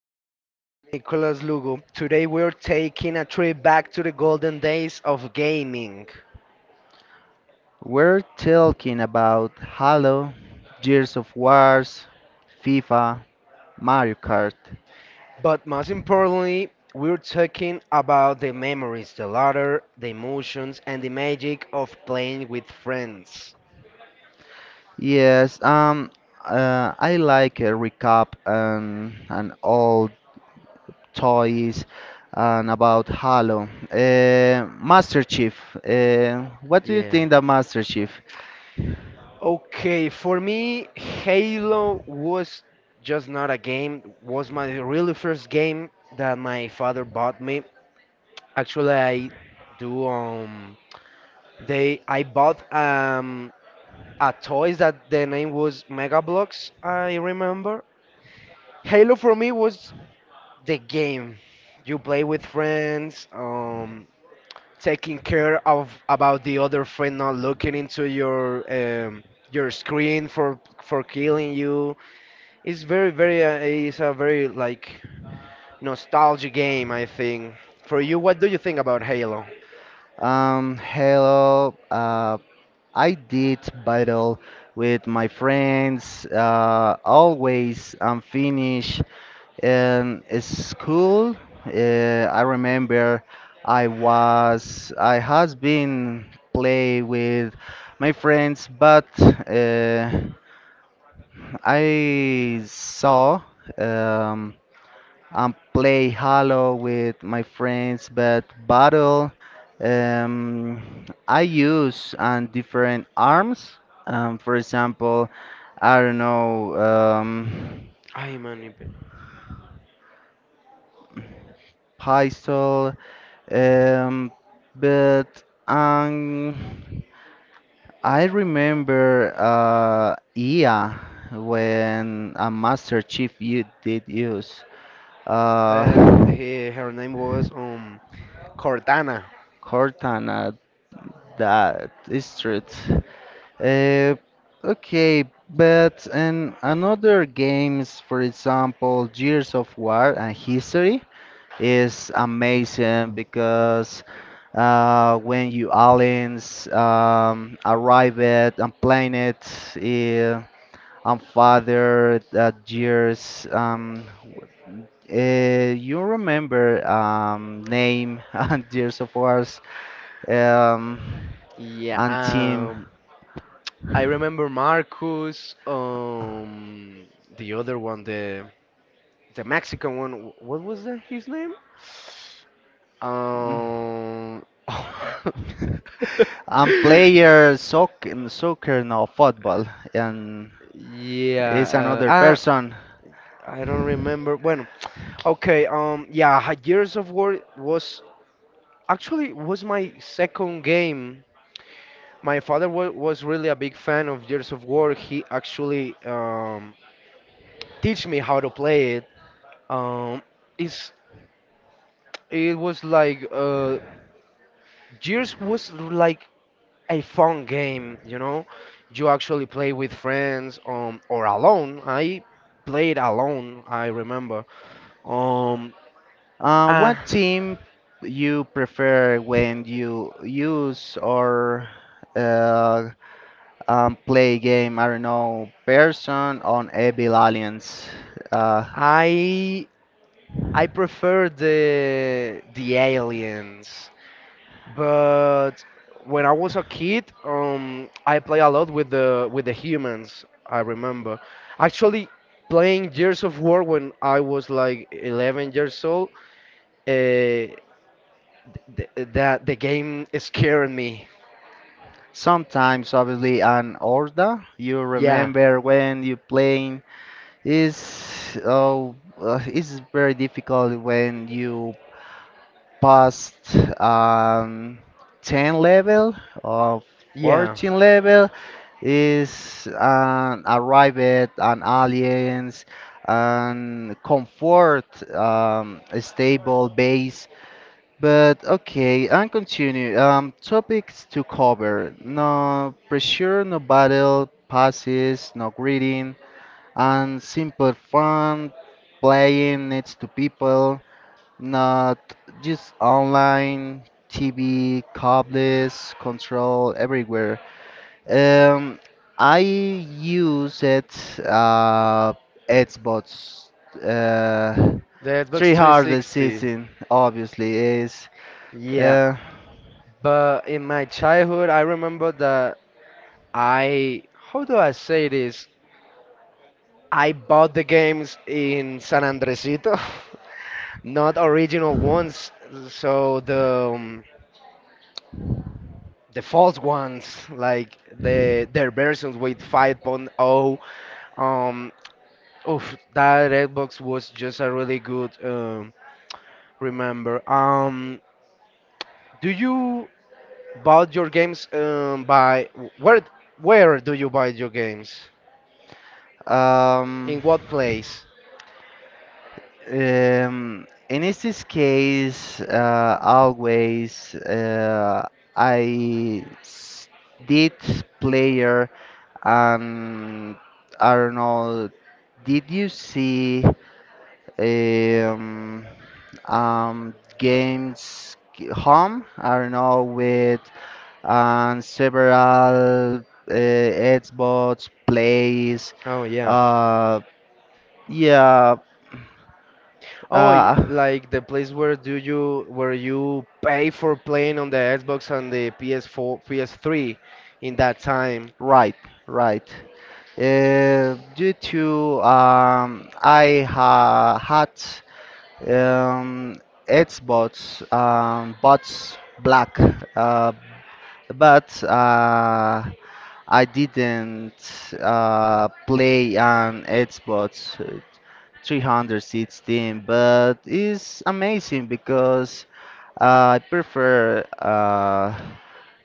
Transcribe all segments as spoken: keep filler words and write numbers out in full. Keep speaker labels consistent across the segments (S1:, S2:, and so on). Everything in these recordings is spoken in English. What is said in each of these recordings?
S1: And my
S2: Uh,
S1: name is Nicolas Lugo. Today we're taking a trip back to the golden days of gaming.
S2: we're talking about Halo, Gears of Wars, FIFA, Mario Kart.
S1: But most importantly, we're talking about the memories, the laughter, the emotions, and the magic of playing with friends.
S2: Yes, um, uh, I like a recap and and old toys and about Halo. Uh, Master Chief, uh, what do you
S1: Yeah.
S2: think of Master Chief?
S1: Okay, for me, Halo was just not a game, was my really first game that my father bought me. Actually, I do. Um, they I bought um a toys that the name was Mega Bloks, I remember. Halo for me was the game. You play with friends. Um, taking care of about the other friend not looking into your um your screen for for killing you. It's very very. Uh, it's a very like nostalgia game, I think. For you, what do you think about Halo?
S2: Um, hello. Uh, I did battle with my friends. Uh, always I'm finished in school. Uh, I remember I was I has been play with my friends, but uh, I saw. Um, and play Halo with my friends, but battle. Um, I use um, different arms. Um, for example, I don't know, um,
S1: I man.
S2: pistol. Um, but um, I remember uh, E A when a Master Chief you did use
S1: The,
S2: uh,
S1: he, her name was um Cortana.
S2: Cortana. That is truth. Uh, okay, but in another games, for example, Gears of War and History is amazing because uh, when you aliens um, arrive at and planet, uh, and father uh, Gears, um, uh, you remember um, name and Gears of Wars, um,
S1: Yeah,
S2: and team.
S1: um, I remember Marcus, um, the other one, the the Mexican one. wh- What was that his name?
S2: Mm.
S1: Um,
S2: I'm player soccer, soccer no football, and is
S1: yeah, uh,
S2: another
S1: ah,
S2: person.
S1: I don't remember. Bueno, okay, um, yeah, Ha- Gears of War was actually was my second game. My father wa was really a big fan of Gears of War. He actually um, teach me how to play it. Um, it's it was like uh, Gears was like a fun game, you know. You actually play with friends um, or alone. I played alone, I remember. Um,
S2: Uh,
S1: uh,
S2: what team you prefer when you use or uh, um, play game? I don't know, person on Evil Alliance. Uh,
S1: I I prefer the the aliens. But when I was a kid, um, I play a lot with the with the humans, I remember, actually playing Gears of War when I was like eleven years old. Uh, th that the game scared me.
S2: Sometimes, obviously, an Orda. You
S1: Yeah,
S2: remember when you playing is oh, uh, it's very difficult when you past um, ten level or
S1: yeah,
S2: fourteen level is an arrived an aliens and comfort, um, a stable base, but okay and continue um, topics to cover, no pressure, no battle passes, no greeting, and simple fun playing needs to people, not just online, T V, cables, control, everywhere. Um, I use it, uh, Xbox, uh,
S1: the Xbox
S2: three hundred
S1: three sixty.
S2: season, obviously, is,
S1: Yeah.
S2: uh,
S1: But in my childhood, I remember that I, how do I say this? I bought the games in San Andresito. Not original ones, so the um, the false ones, like the their versions with 5.0. Um, Oof, that Xbox was just a really good, um, remember. Um, do you buy your games um, by where where do you buy your games?
S2: um,
S1: In what place?
S2: Um, in this case, uh, always uh, I s- did player, and I don't know. Did you see um, um, games g- home? I don't know, with and several uh, Xbox plays.
S1: Oh, yeah.
S2: Uh, yeah,
S1: Oh, y-
S2: uh,
S1: like the place where do you where you pay for playing on the Xbox and the P S four, P S three in that time.
S2: right, right. Uh, due to um, I ha had um, Xbox um, Bots Black, uh, but uh, I didn't uh, play on Xbox three hundred seats team, but it's amazing because uh, I prefer uh,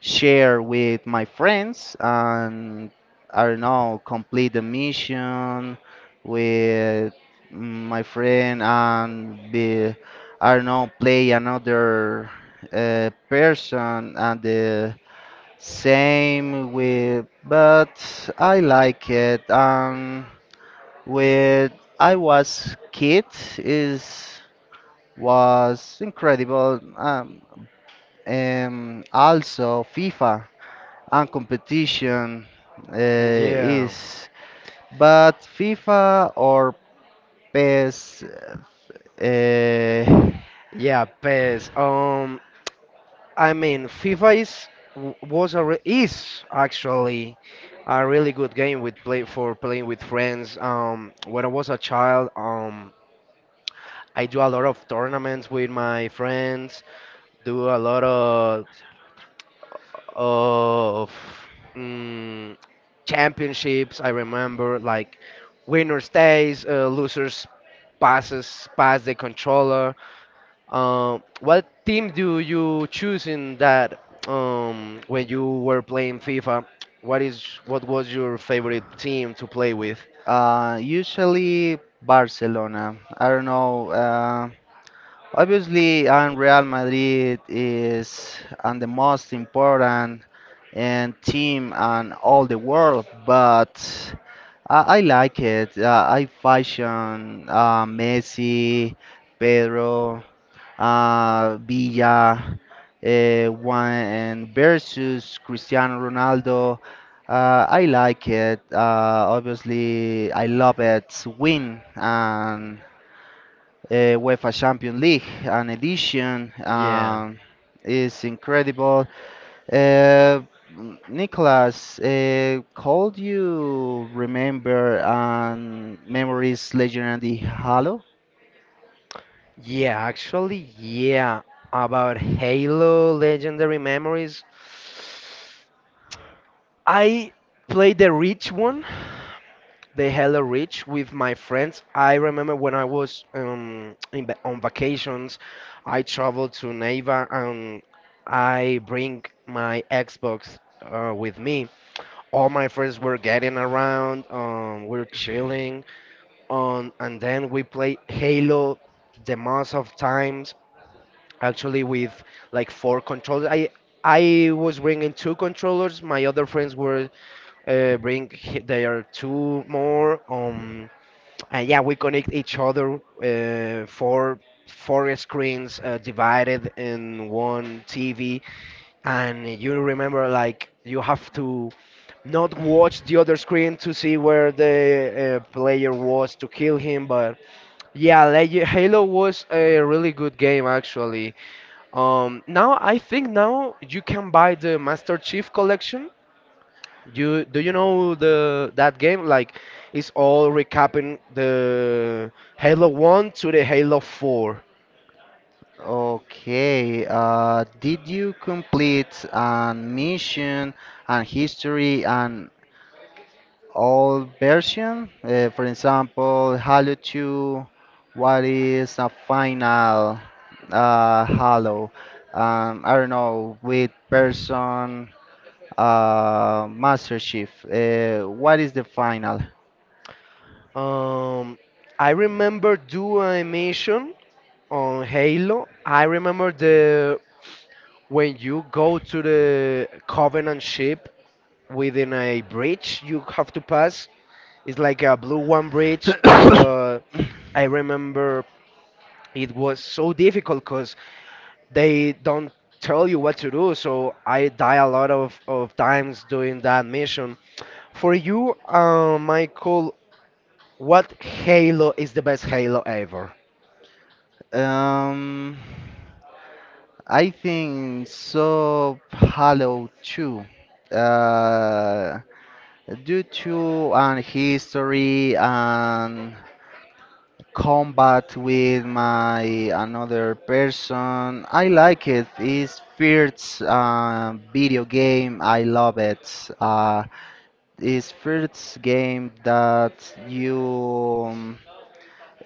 S2: share with my friends and, I don't know, complete the mission with my friend and be, I don't know, play another uh, person and the same with, but I like it. Um, when I was kid is was incredible. Um, and also FIFA and competition, uh,
S1: Yeah.
S2: is, but FIFA or P E S? uh,
S1: Yeah, P E S. Um, I mean, FIFA is w- was a re is actually a really good game with play for playing with friends. Um, when I was a child, um, I do a lot of tournaments with my friends, do a lot of of mm, championships. I remember, like, winner stays, uh, losers passes pass the controller. Um, what team do you choose in that, um, when you were playing FIFA? What is what was your favorite team to play with?
S2: uh, Usually Barcelona. I don't know. Uh, Obviously, and Real Madrid is and the most important and team and all the world, but I, I like it. Uh, I fashion uh, Messi, Pedro, uh, Villa, uh, one and versus Cristiano Ronaldo. Uh, I like it. Uh, obviously, I love it. Win and uh, UEFA Champions League, an edition.
S1: Yeah.
S2: Um, is incredible. Uh, Nicholas, uh, could you remember um, memories legendary Halo?
S1: Yeah, actually, yeah. About Halo Legendary Memories, I played the Reach one, the hella rich with my friends. I remember when I was um, in, va- on vacations. I traveled to Neiva and I bring my Xbox uh, with me. All my friends were getting around, um, we are chilling, um, and then we play Halo the most of times. Actually, with like four controllers, I I was bringing two controllers. My other friends were uh, bring h- their two more. Um, and yeah, we connect each other uh, for four screens uh, divided in one T V. And you remember, like, you have to not watch the other screen to see where the uh, player was to kill him. But yeah, like, Halo was a really good game, actually. Um, now I think now you can buy the Master Chief Collection. You Do you know the that game? Like, it's all recapping the Halo one to the Halo four.
S2: Okay, uh, did you complete a mission and history and old version? Uh, for example, Halo two, what is a final uh, Halo? Um, I don't know, with person uh, Master Chief. Uh, what is the final?
S1: Um, I remember doing a mission on Halo. I remember the when you go to the Covenant ship within a bridge you have to pass. It's like a blue one bridge, but I remember it was so difficult because they don't tell you what to do, so I die a lot of, of times doing that mission. For you, uh, Michael, what Halo is the best Halo ever?
S2: um, I think so. Halo two. Uh, Due to an history and combat with my another person, I like it. It's first uh, video game, I love it. uh, it's first game that you um,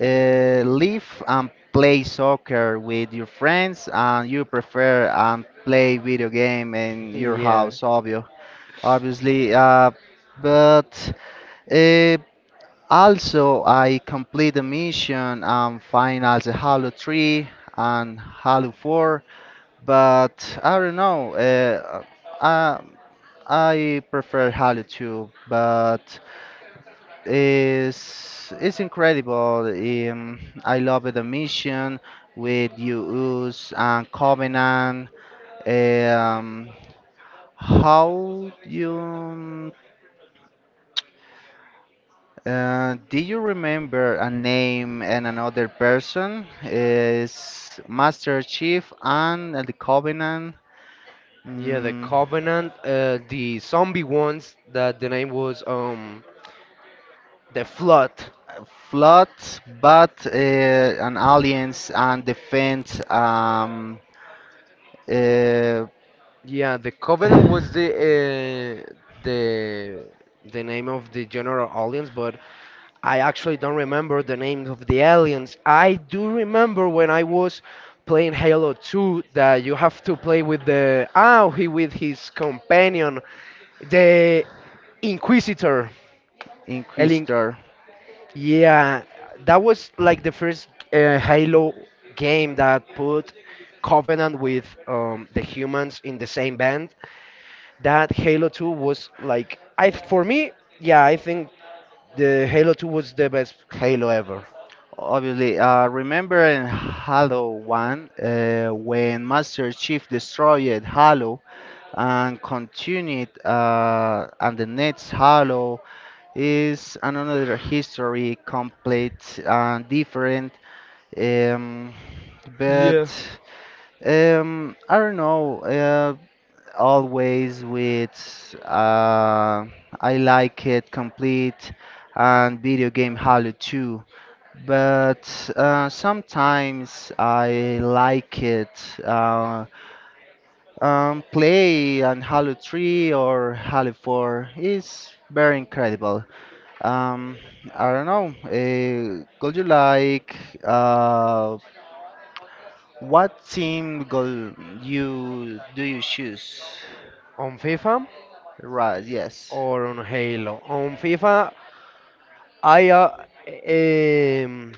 S2: uh, live and play soccer with your friends and you prefer and play video game in your
S1: Yeah.
S2: house obvio obviously. Uh, but uh, Also, I complete the mission and find as a Halo three and Halo four, but I don't know. Uh, I, I prefer Halo two, but it's it's incredible. Um, I love the mission with Uus and Covenant. Um, how you Uh, do you remember a name and another person? Is Master Chief and the Covenant,
S1: Yeah, the
S2: mm,
S1: Covenant, uh, the zombie ones that the name was um the Flood.
S2: Flood, but uh, an Alliance and Defend, um, uh,
S1: Yeah, the Covenant was the uh, the the name of the general aliens, but I actually don't remember the name of the aliens. I do remember when I was playing Halo two that you have to play with the oh he with his companion, the Inquisitor. I think.
S2: Inquisitor.
S1: Yeah, that was like the first uh, Halo game that put Covenant with um, the humans in the same band. That Halo two was, like, I, for me, yeah, I think the Halo two was the best Halo ever.
S2: Obviously, uh, remember in Halo one, uh, when Master Chief destroyed Halo and continued, uh, and the next Halo is another history, complete and different. Um, but
S1: Yeah.
S2: um, I don't know. Uh, always with, uh, I like it complete and video game Halo two, but uh, sometimes I like it. Uh, um, Play on Halo three or Halo four is very incredible. Um, I don't know. Uh, could you like, uh, what team goal you do you choose?
S1: On FIFA
S2: Right, yes.
S1: or on Halo? On FIFA, I uh, um,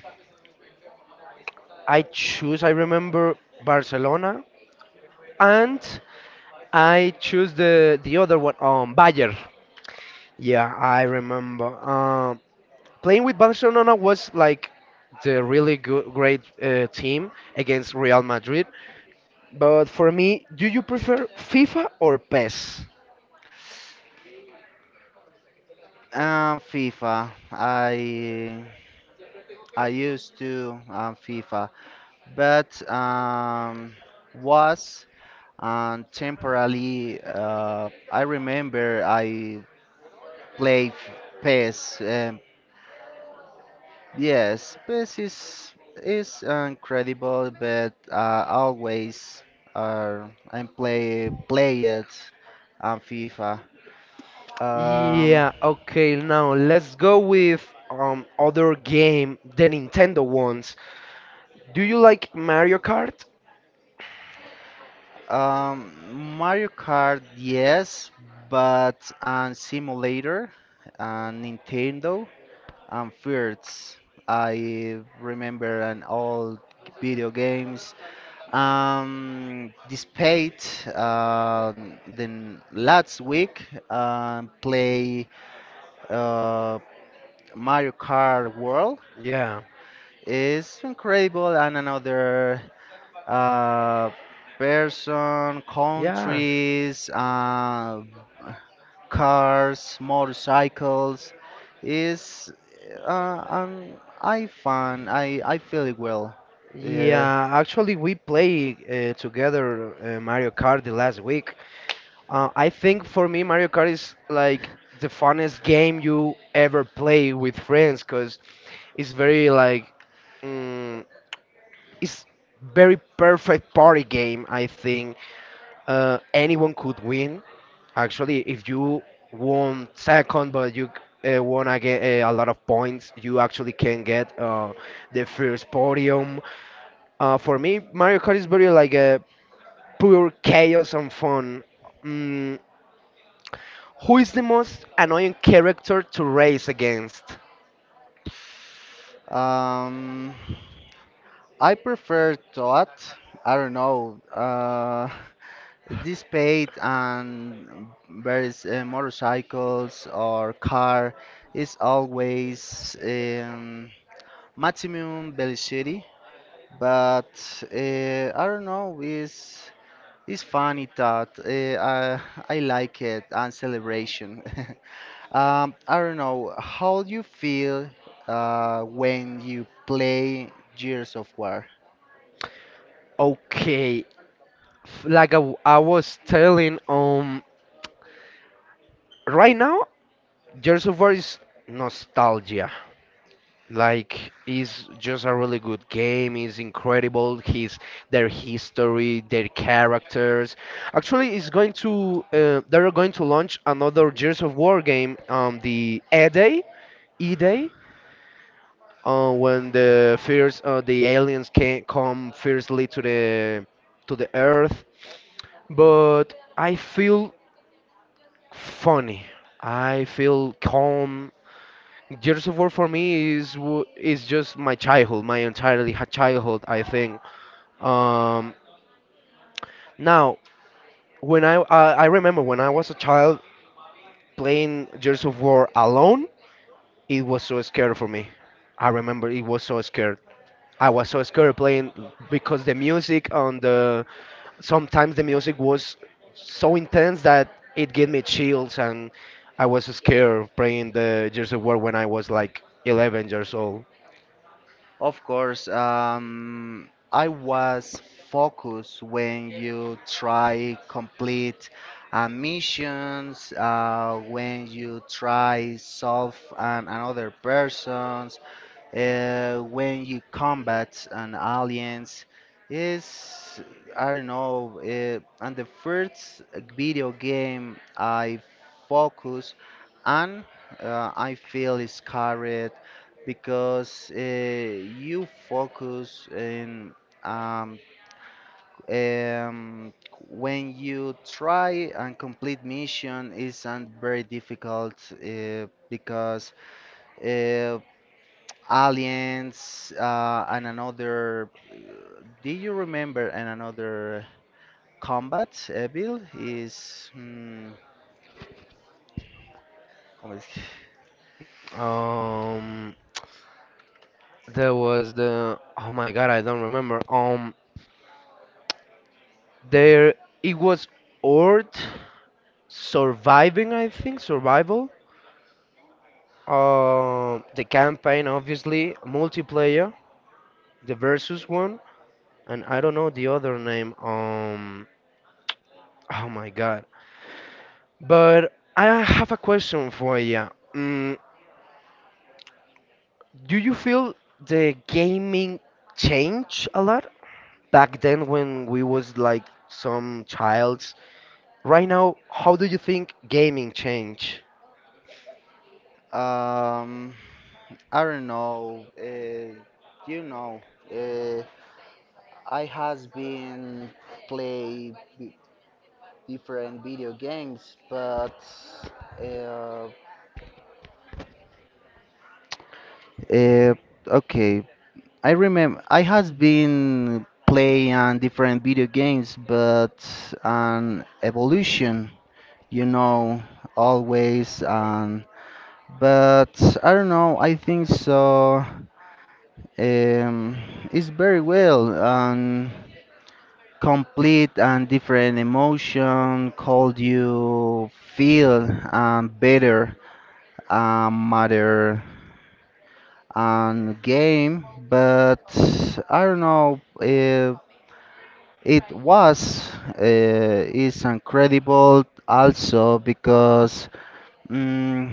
S1: I choose. I remember Barcelona, and I choose the the other one, um, Bayern. Yeah, I remember. Um, playing with Barcelona was like the really good, great uh, team against Real Madrid. But for me, do you prefer FIFA or P E S?
S2: Um, FIFA. I I used to um, FIFA, but um, was and temporarily. uh, I remember I played P E S. Um, yes, P E S is is incredible, but uh, always uh, I play play it on FIFA. Um,
S1: Yeah, okay, now let's go with um other game, the Nintendo ones. Do you like Mario Kart?
S2: um, Mario Kart, yes, but on simulator on Nintendo, and first I remember an old video games. Um, despite um then last week um play uh, Mario Kart World
S1: Yeah.
S2: is incredible and another uh, person,
S1: Yeah.
S2: countries, uh, cars, motorcycles is, uh, um, I find I I feel it well. Yeah.
S1: Yeah, actually we play uh, together uh, Mario Kart the last week. Uh, I think for me Mario Kart is like the funnest game you ever play with friends because it's very like, mm, it's very perfect party game, I think. Uh, anyone could win. Actually, if you won second, but you uh, wanna uh, a lot of points, you actually can get uh, the first podium. Uh, for me, Mario Kart is very like a pure chaos and fun. Mm, who is the most annoying character to race against?
S2: Um, I prefer thought. I don't know. Uh, this paid and various uh, motorcycles or car is always, um, maximum velocity, but uh, I don't know is it's funny that eh, Uh, I I like it and celebration. Um, I don't know how you feel uh, when you play Gears of War.
S1: Okay, f- like I, w- I was telling, um, right now, Gears of War is nostalgia. Like, it's just a really good game. It's incredible. His their history, their characters. Actually, it's going to uh, they're going to launch another Gears of War game on the E Day. E Day, uh, when the first uh, the aliens can come fiercely to the to the Earth. But I feel funny. I feel calm. Years of War for me is w- is just my childhood, my entirely ha- childhood, I think. Um, Now, when I, I I remember when I was a child playing Years of War alone, it was so scary for me. I remember it was so scared. I was so scared playing, because the music on the sometimes the music was so intense that it gave me chills and I was scared playing the Gears of War when I was like eleven years old.
S2: Of course, um, I was focused when you try complete uh, missions, uh, when you try solve an, another person, uh, when you combat an aliens is, I don't know, uh, and the first video game I focus on. uh, I feel is carried because uh, you focus in, um, um, when you try and complete mission is and very difficult uh, because uh, aliens uh, and another. Do you remember and another combat uh, build is, hmm, como,
S1: Um, There was the oh my god, I don't remember. Um, there it was Earth surviving, I think, survival. Uh, the campaign, obviously, multiplayer, the versus one, and I don't know the other name. Um, oh my god. But I have a question for you. Mm, do you feel the gaming changed a lot back then when we was like some child? Right now, how do you think gaming changed?
S2: um I don't know. Uh, you know, uh, I has been play b- different video games, but uh, uh, okay, I remember I has been playing different video games, but an evolution, you know, always. And but I don't know. I think so. Um, it's very well and complete and different emotion. Called you feel um, better, um, matter, and game. But I don't know. Uh, It was, uh, it's incredible also because, mm,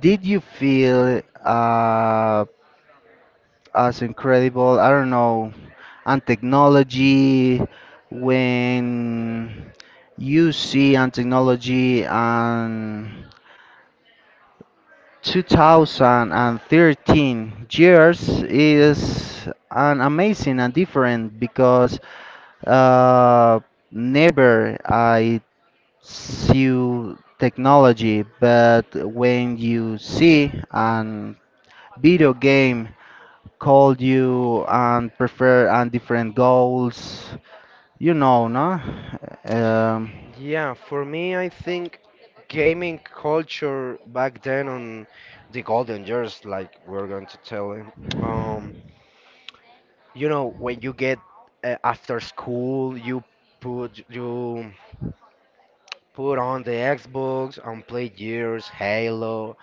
S2: did you feel uh, as incredible, I don't know, and technology when you see and technology and twenty thirteen years is an amazing and different because uh, never I see technology, but when you see an video game called you and prefer and different goals, you know, no? Um,
S1: Yeah, for me, I think gaming culture back then on the golden years, like we're going to tell him, um, you know, when you get uh, after school, you put you put on the Xbox and play years, Halo,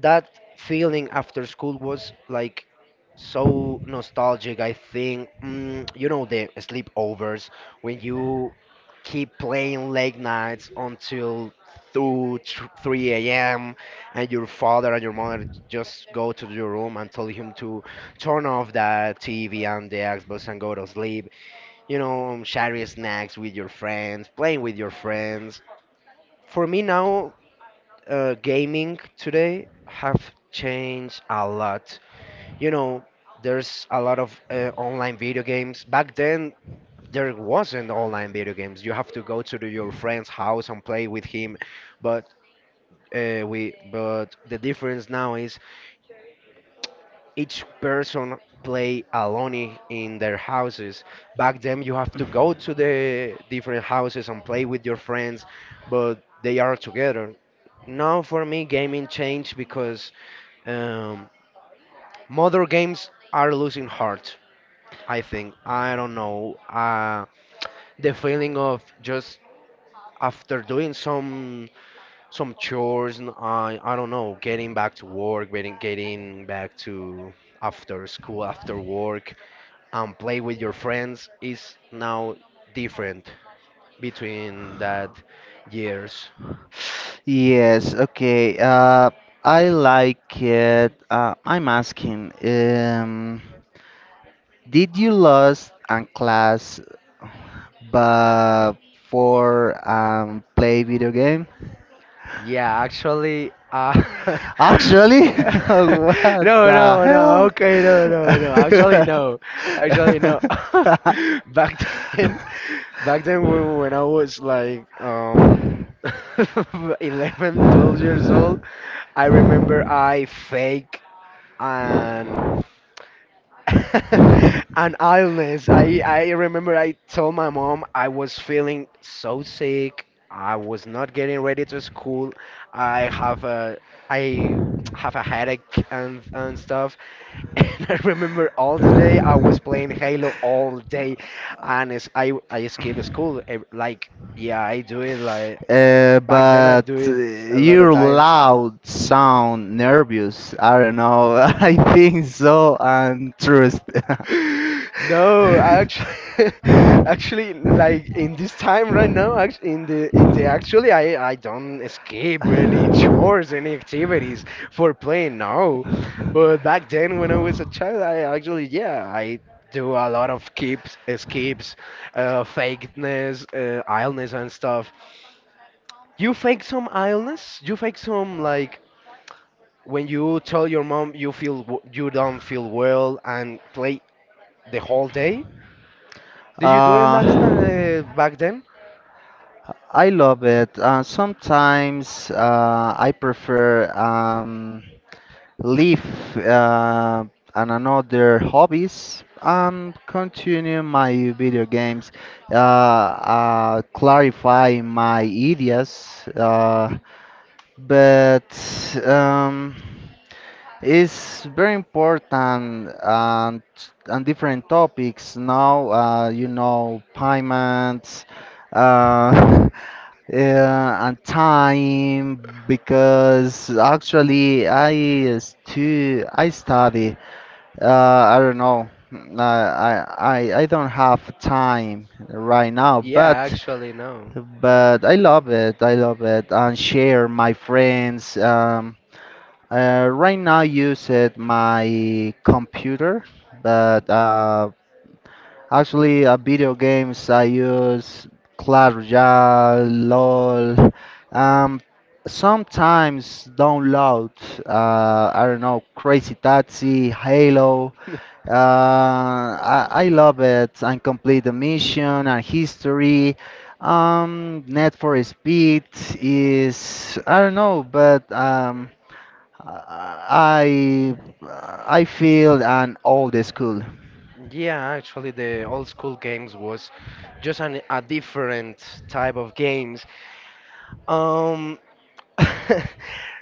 S1: that feeling after school was like so nostalgic, I think. Mm, you know, the sleepovers, when you keep playing late nights until two tr- three a m, and your father and your mother just go to your room and tell him to turn off the TV and the Xbox and go to sleep. You know, sharing snacks with your friends, playing with your friends. For me now, uh, gaming today have changed a lot. You know, there's a lot of uh, online video games. Back then, there wasn't online video games. You have to go to the- your friend's house and play with him. But uh, we, but the difference now is each person play alone, i- in their houses. Back then, you have to go to the different houses and play with your friends, but they are together. Now, for me, gaming changed because, um, modern games are losing heart, I think. I don't know. Uh, the feeling of just after doing some some chores, and I I don't know, getting back to work, getting getting back to after school, after work, and play with your friends is now different between that years.
S2: yes, okay. Uh, I like it. Uh, I'm asking, um, did you lost a class but for um, play video game?
S1: Yeah, actually, uh,
S2: Actually, what
S1: No,
S2: the
S1: no, no.
S2: hell?
S1: Okay, no, no, no. Actually, no. Actually, no. Back then, back then when, when I was like um eleven, twelve years old, I remember I fake an and illness. I I remember I told my mom I was feeling so sick. I was not getting ready to school. I have a I have a headache and and stuff. And I remember all the day I was playing Halo all day, and it's, I I skip school. ev- Like, yeah, I do it like
S2: Uh,
S1: back then. I
S2: but
S1: do
S2: uh,
S1: it a lot of
S2: your
S1: times.
S2: loud sound nervous. I don't know. I think so. And trust.
S1: No, actually, actually, like in this time right now, act- in the in the actually, I I don't escape any chores, any activities for playing. No, but back then when I was a child, I actually, yeah, I do a lot of keeps, escapes, uh, fakeness, uh, illness and stuff. You fake some illness? You fake some, like, when you tell your mom you feel w- you don't feel well and play the whole day? Did you do it last time,
S2: Uh,
S1: uh, back then?
S2: I love it. Uh, sometimes uh, I prefer um, leave uh, and another hobbies. Um, continue my video games. Uh, uh, clarify my ideas. Uh, but um, It's very important and and different topics now. Uh, you know, payments. Uh, Yeah, and time because actually I stu I study. Uh, I don't know. Uh, I I I don't have time right now,
S1: Yeah,
S2: but
S1: actually, no.
S2: but I love it. I love it and share my friends. Um, uh, right now use it my computer, but uh, actually, uh, video games I use Clash Royale, LOL. Um, Sometimes download, uh, I don't know, Crazy Taxi, Halo. Uh, I, I love it and complete the mission and history. Um, Net for Speed is, I don't know, but um, I I I feel an old school.
S1: Yeah, actually, the old school games was just an, a different type of games. Um,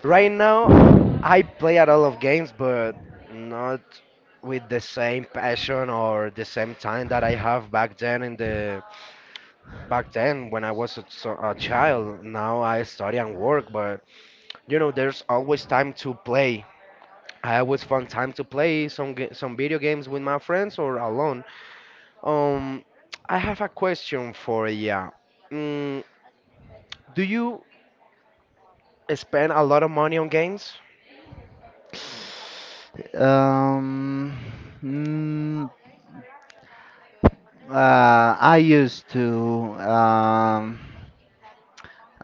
S1: right now, I play a lot of games, but not with the same passion or the same time that I have back then, in the back then when I was a, so- a child. Now I study and work, but you know, there's always time to play. I always find time to play some ga- some video games with my friends or alone. Um, I have a question for ya. Mm, do you spend a lot of money on games?
S2: Um, mm, uh, I used to um,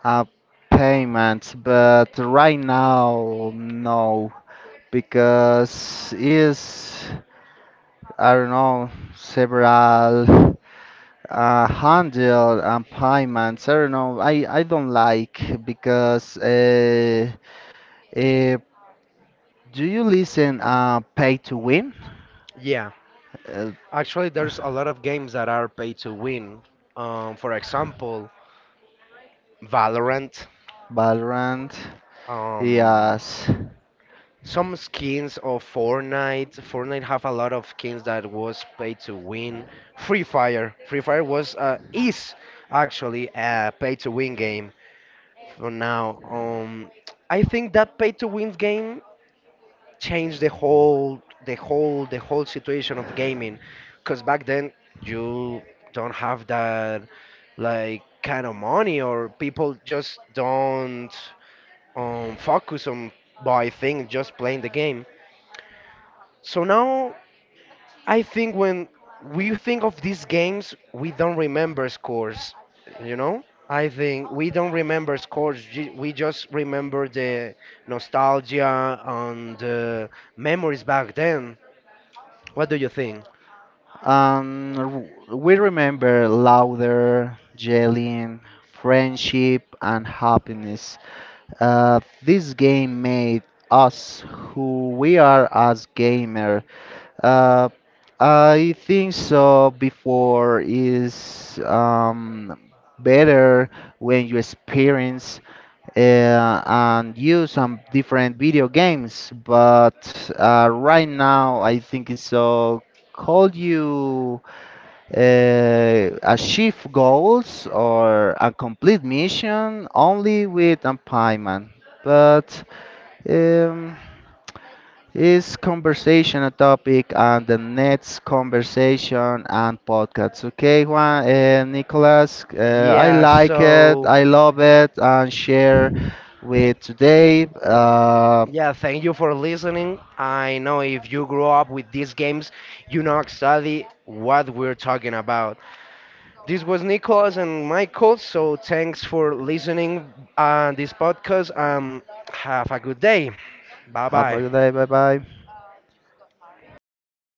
S2: uh, payments, but right now no, because is, I don't know, several uh, handle and payments. I don't know. I I don't like because uh, uh, do you listen uh pay to win?
S1: Yeah,
S2: uh,
S1: actually, there's a lot of games that are pay to win. Um, for example, Valorant.
S2: Valorant?
S1: Um,
S2: Yes.
S1: some skins of Fortnite. Fortnite have a lot of skins that was paid to win. Free Fire. Free Fire was uh, is actually a pay to win game for now. Um, I think that pay to win game changed the whole the whole the whole situation of gaming, because back then you don't have that like kind of money, or people just don't um, focus on buy things, just playing the game. So now I think when we think of these games, we don't remember scores, you know? I think we don't remember scores, ju- we just remember the nostalgia and the memories back then. What do you think?
S2: Um, r- we remember louder, yelling, friendship, and happiness. Uh, this game made us who we are as gamer. Uh, I think so. Before is, um, better when you experience uh, and use some different video games. But uh, right now, I think it's so. Call you uh, achieve goals or a complete mission only with a empowerment. But um, is conversation a topic on the next conversation and podcast? Okay, Juan and Nicolas, uh, I
S1: Yeah,
S2: like it,
S1: so
S2: I love it, and share with today. Uh,
S1: yeah, thank you for listening. I know if you grew up with these games, you know exactly what we're talking about. This was Nicholas and Michael. So thanks for listening on this podcast. Um, have a good day. Bye
S2: have a
S1: bye.
S2: good day. Bye bye.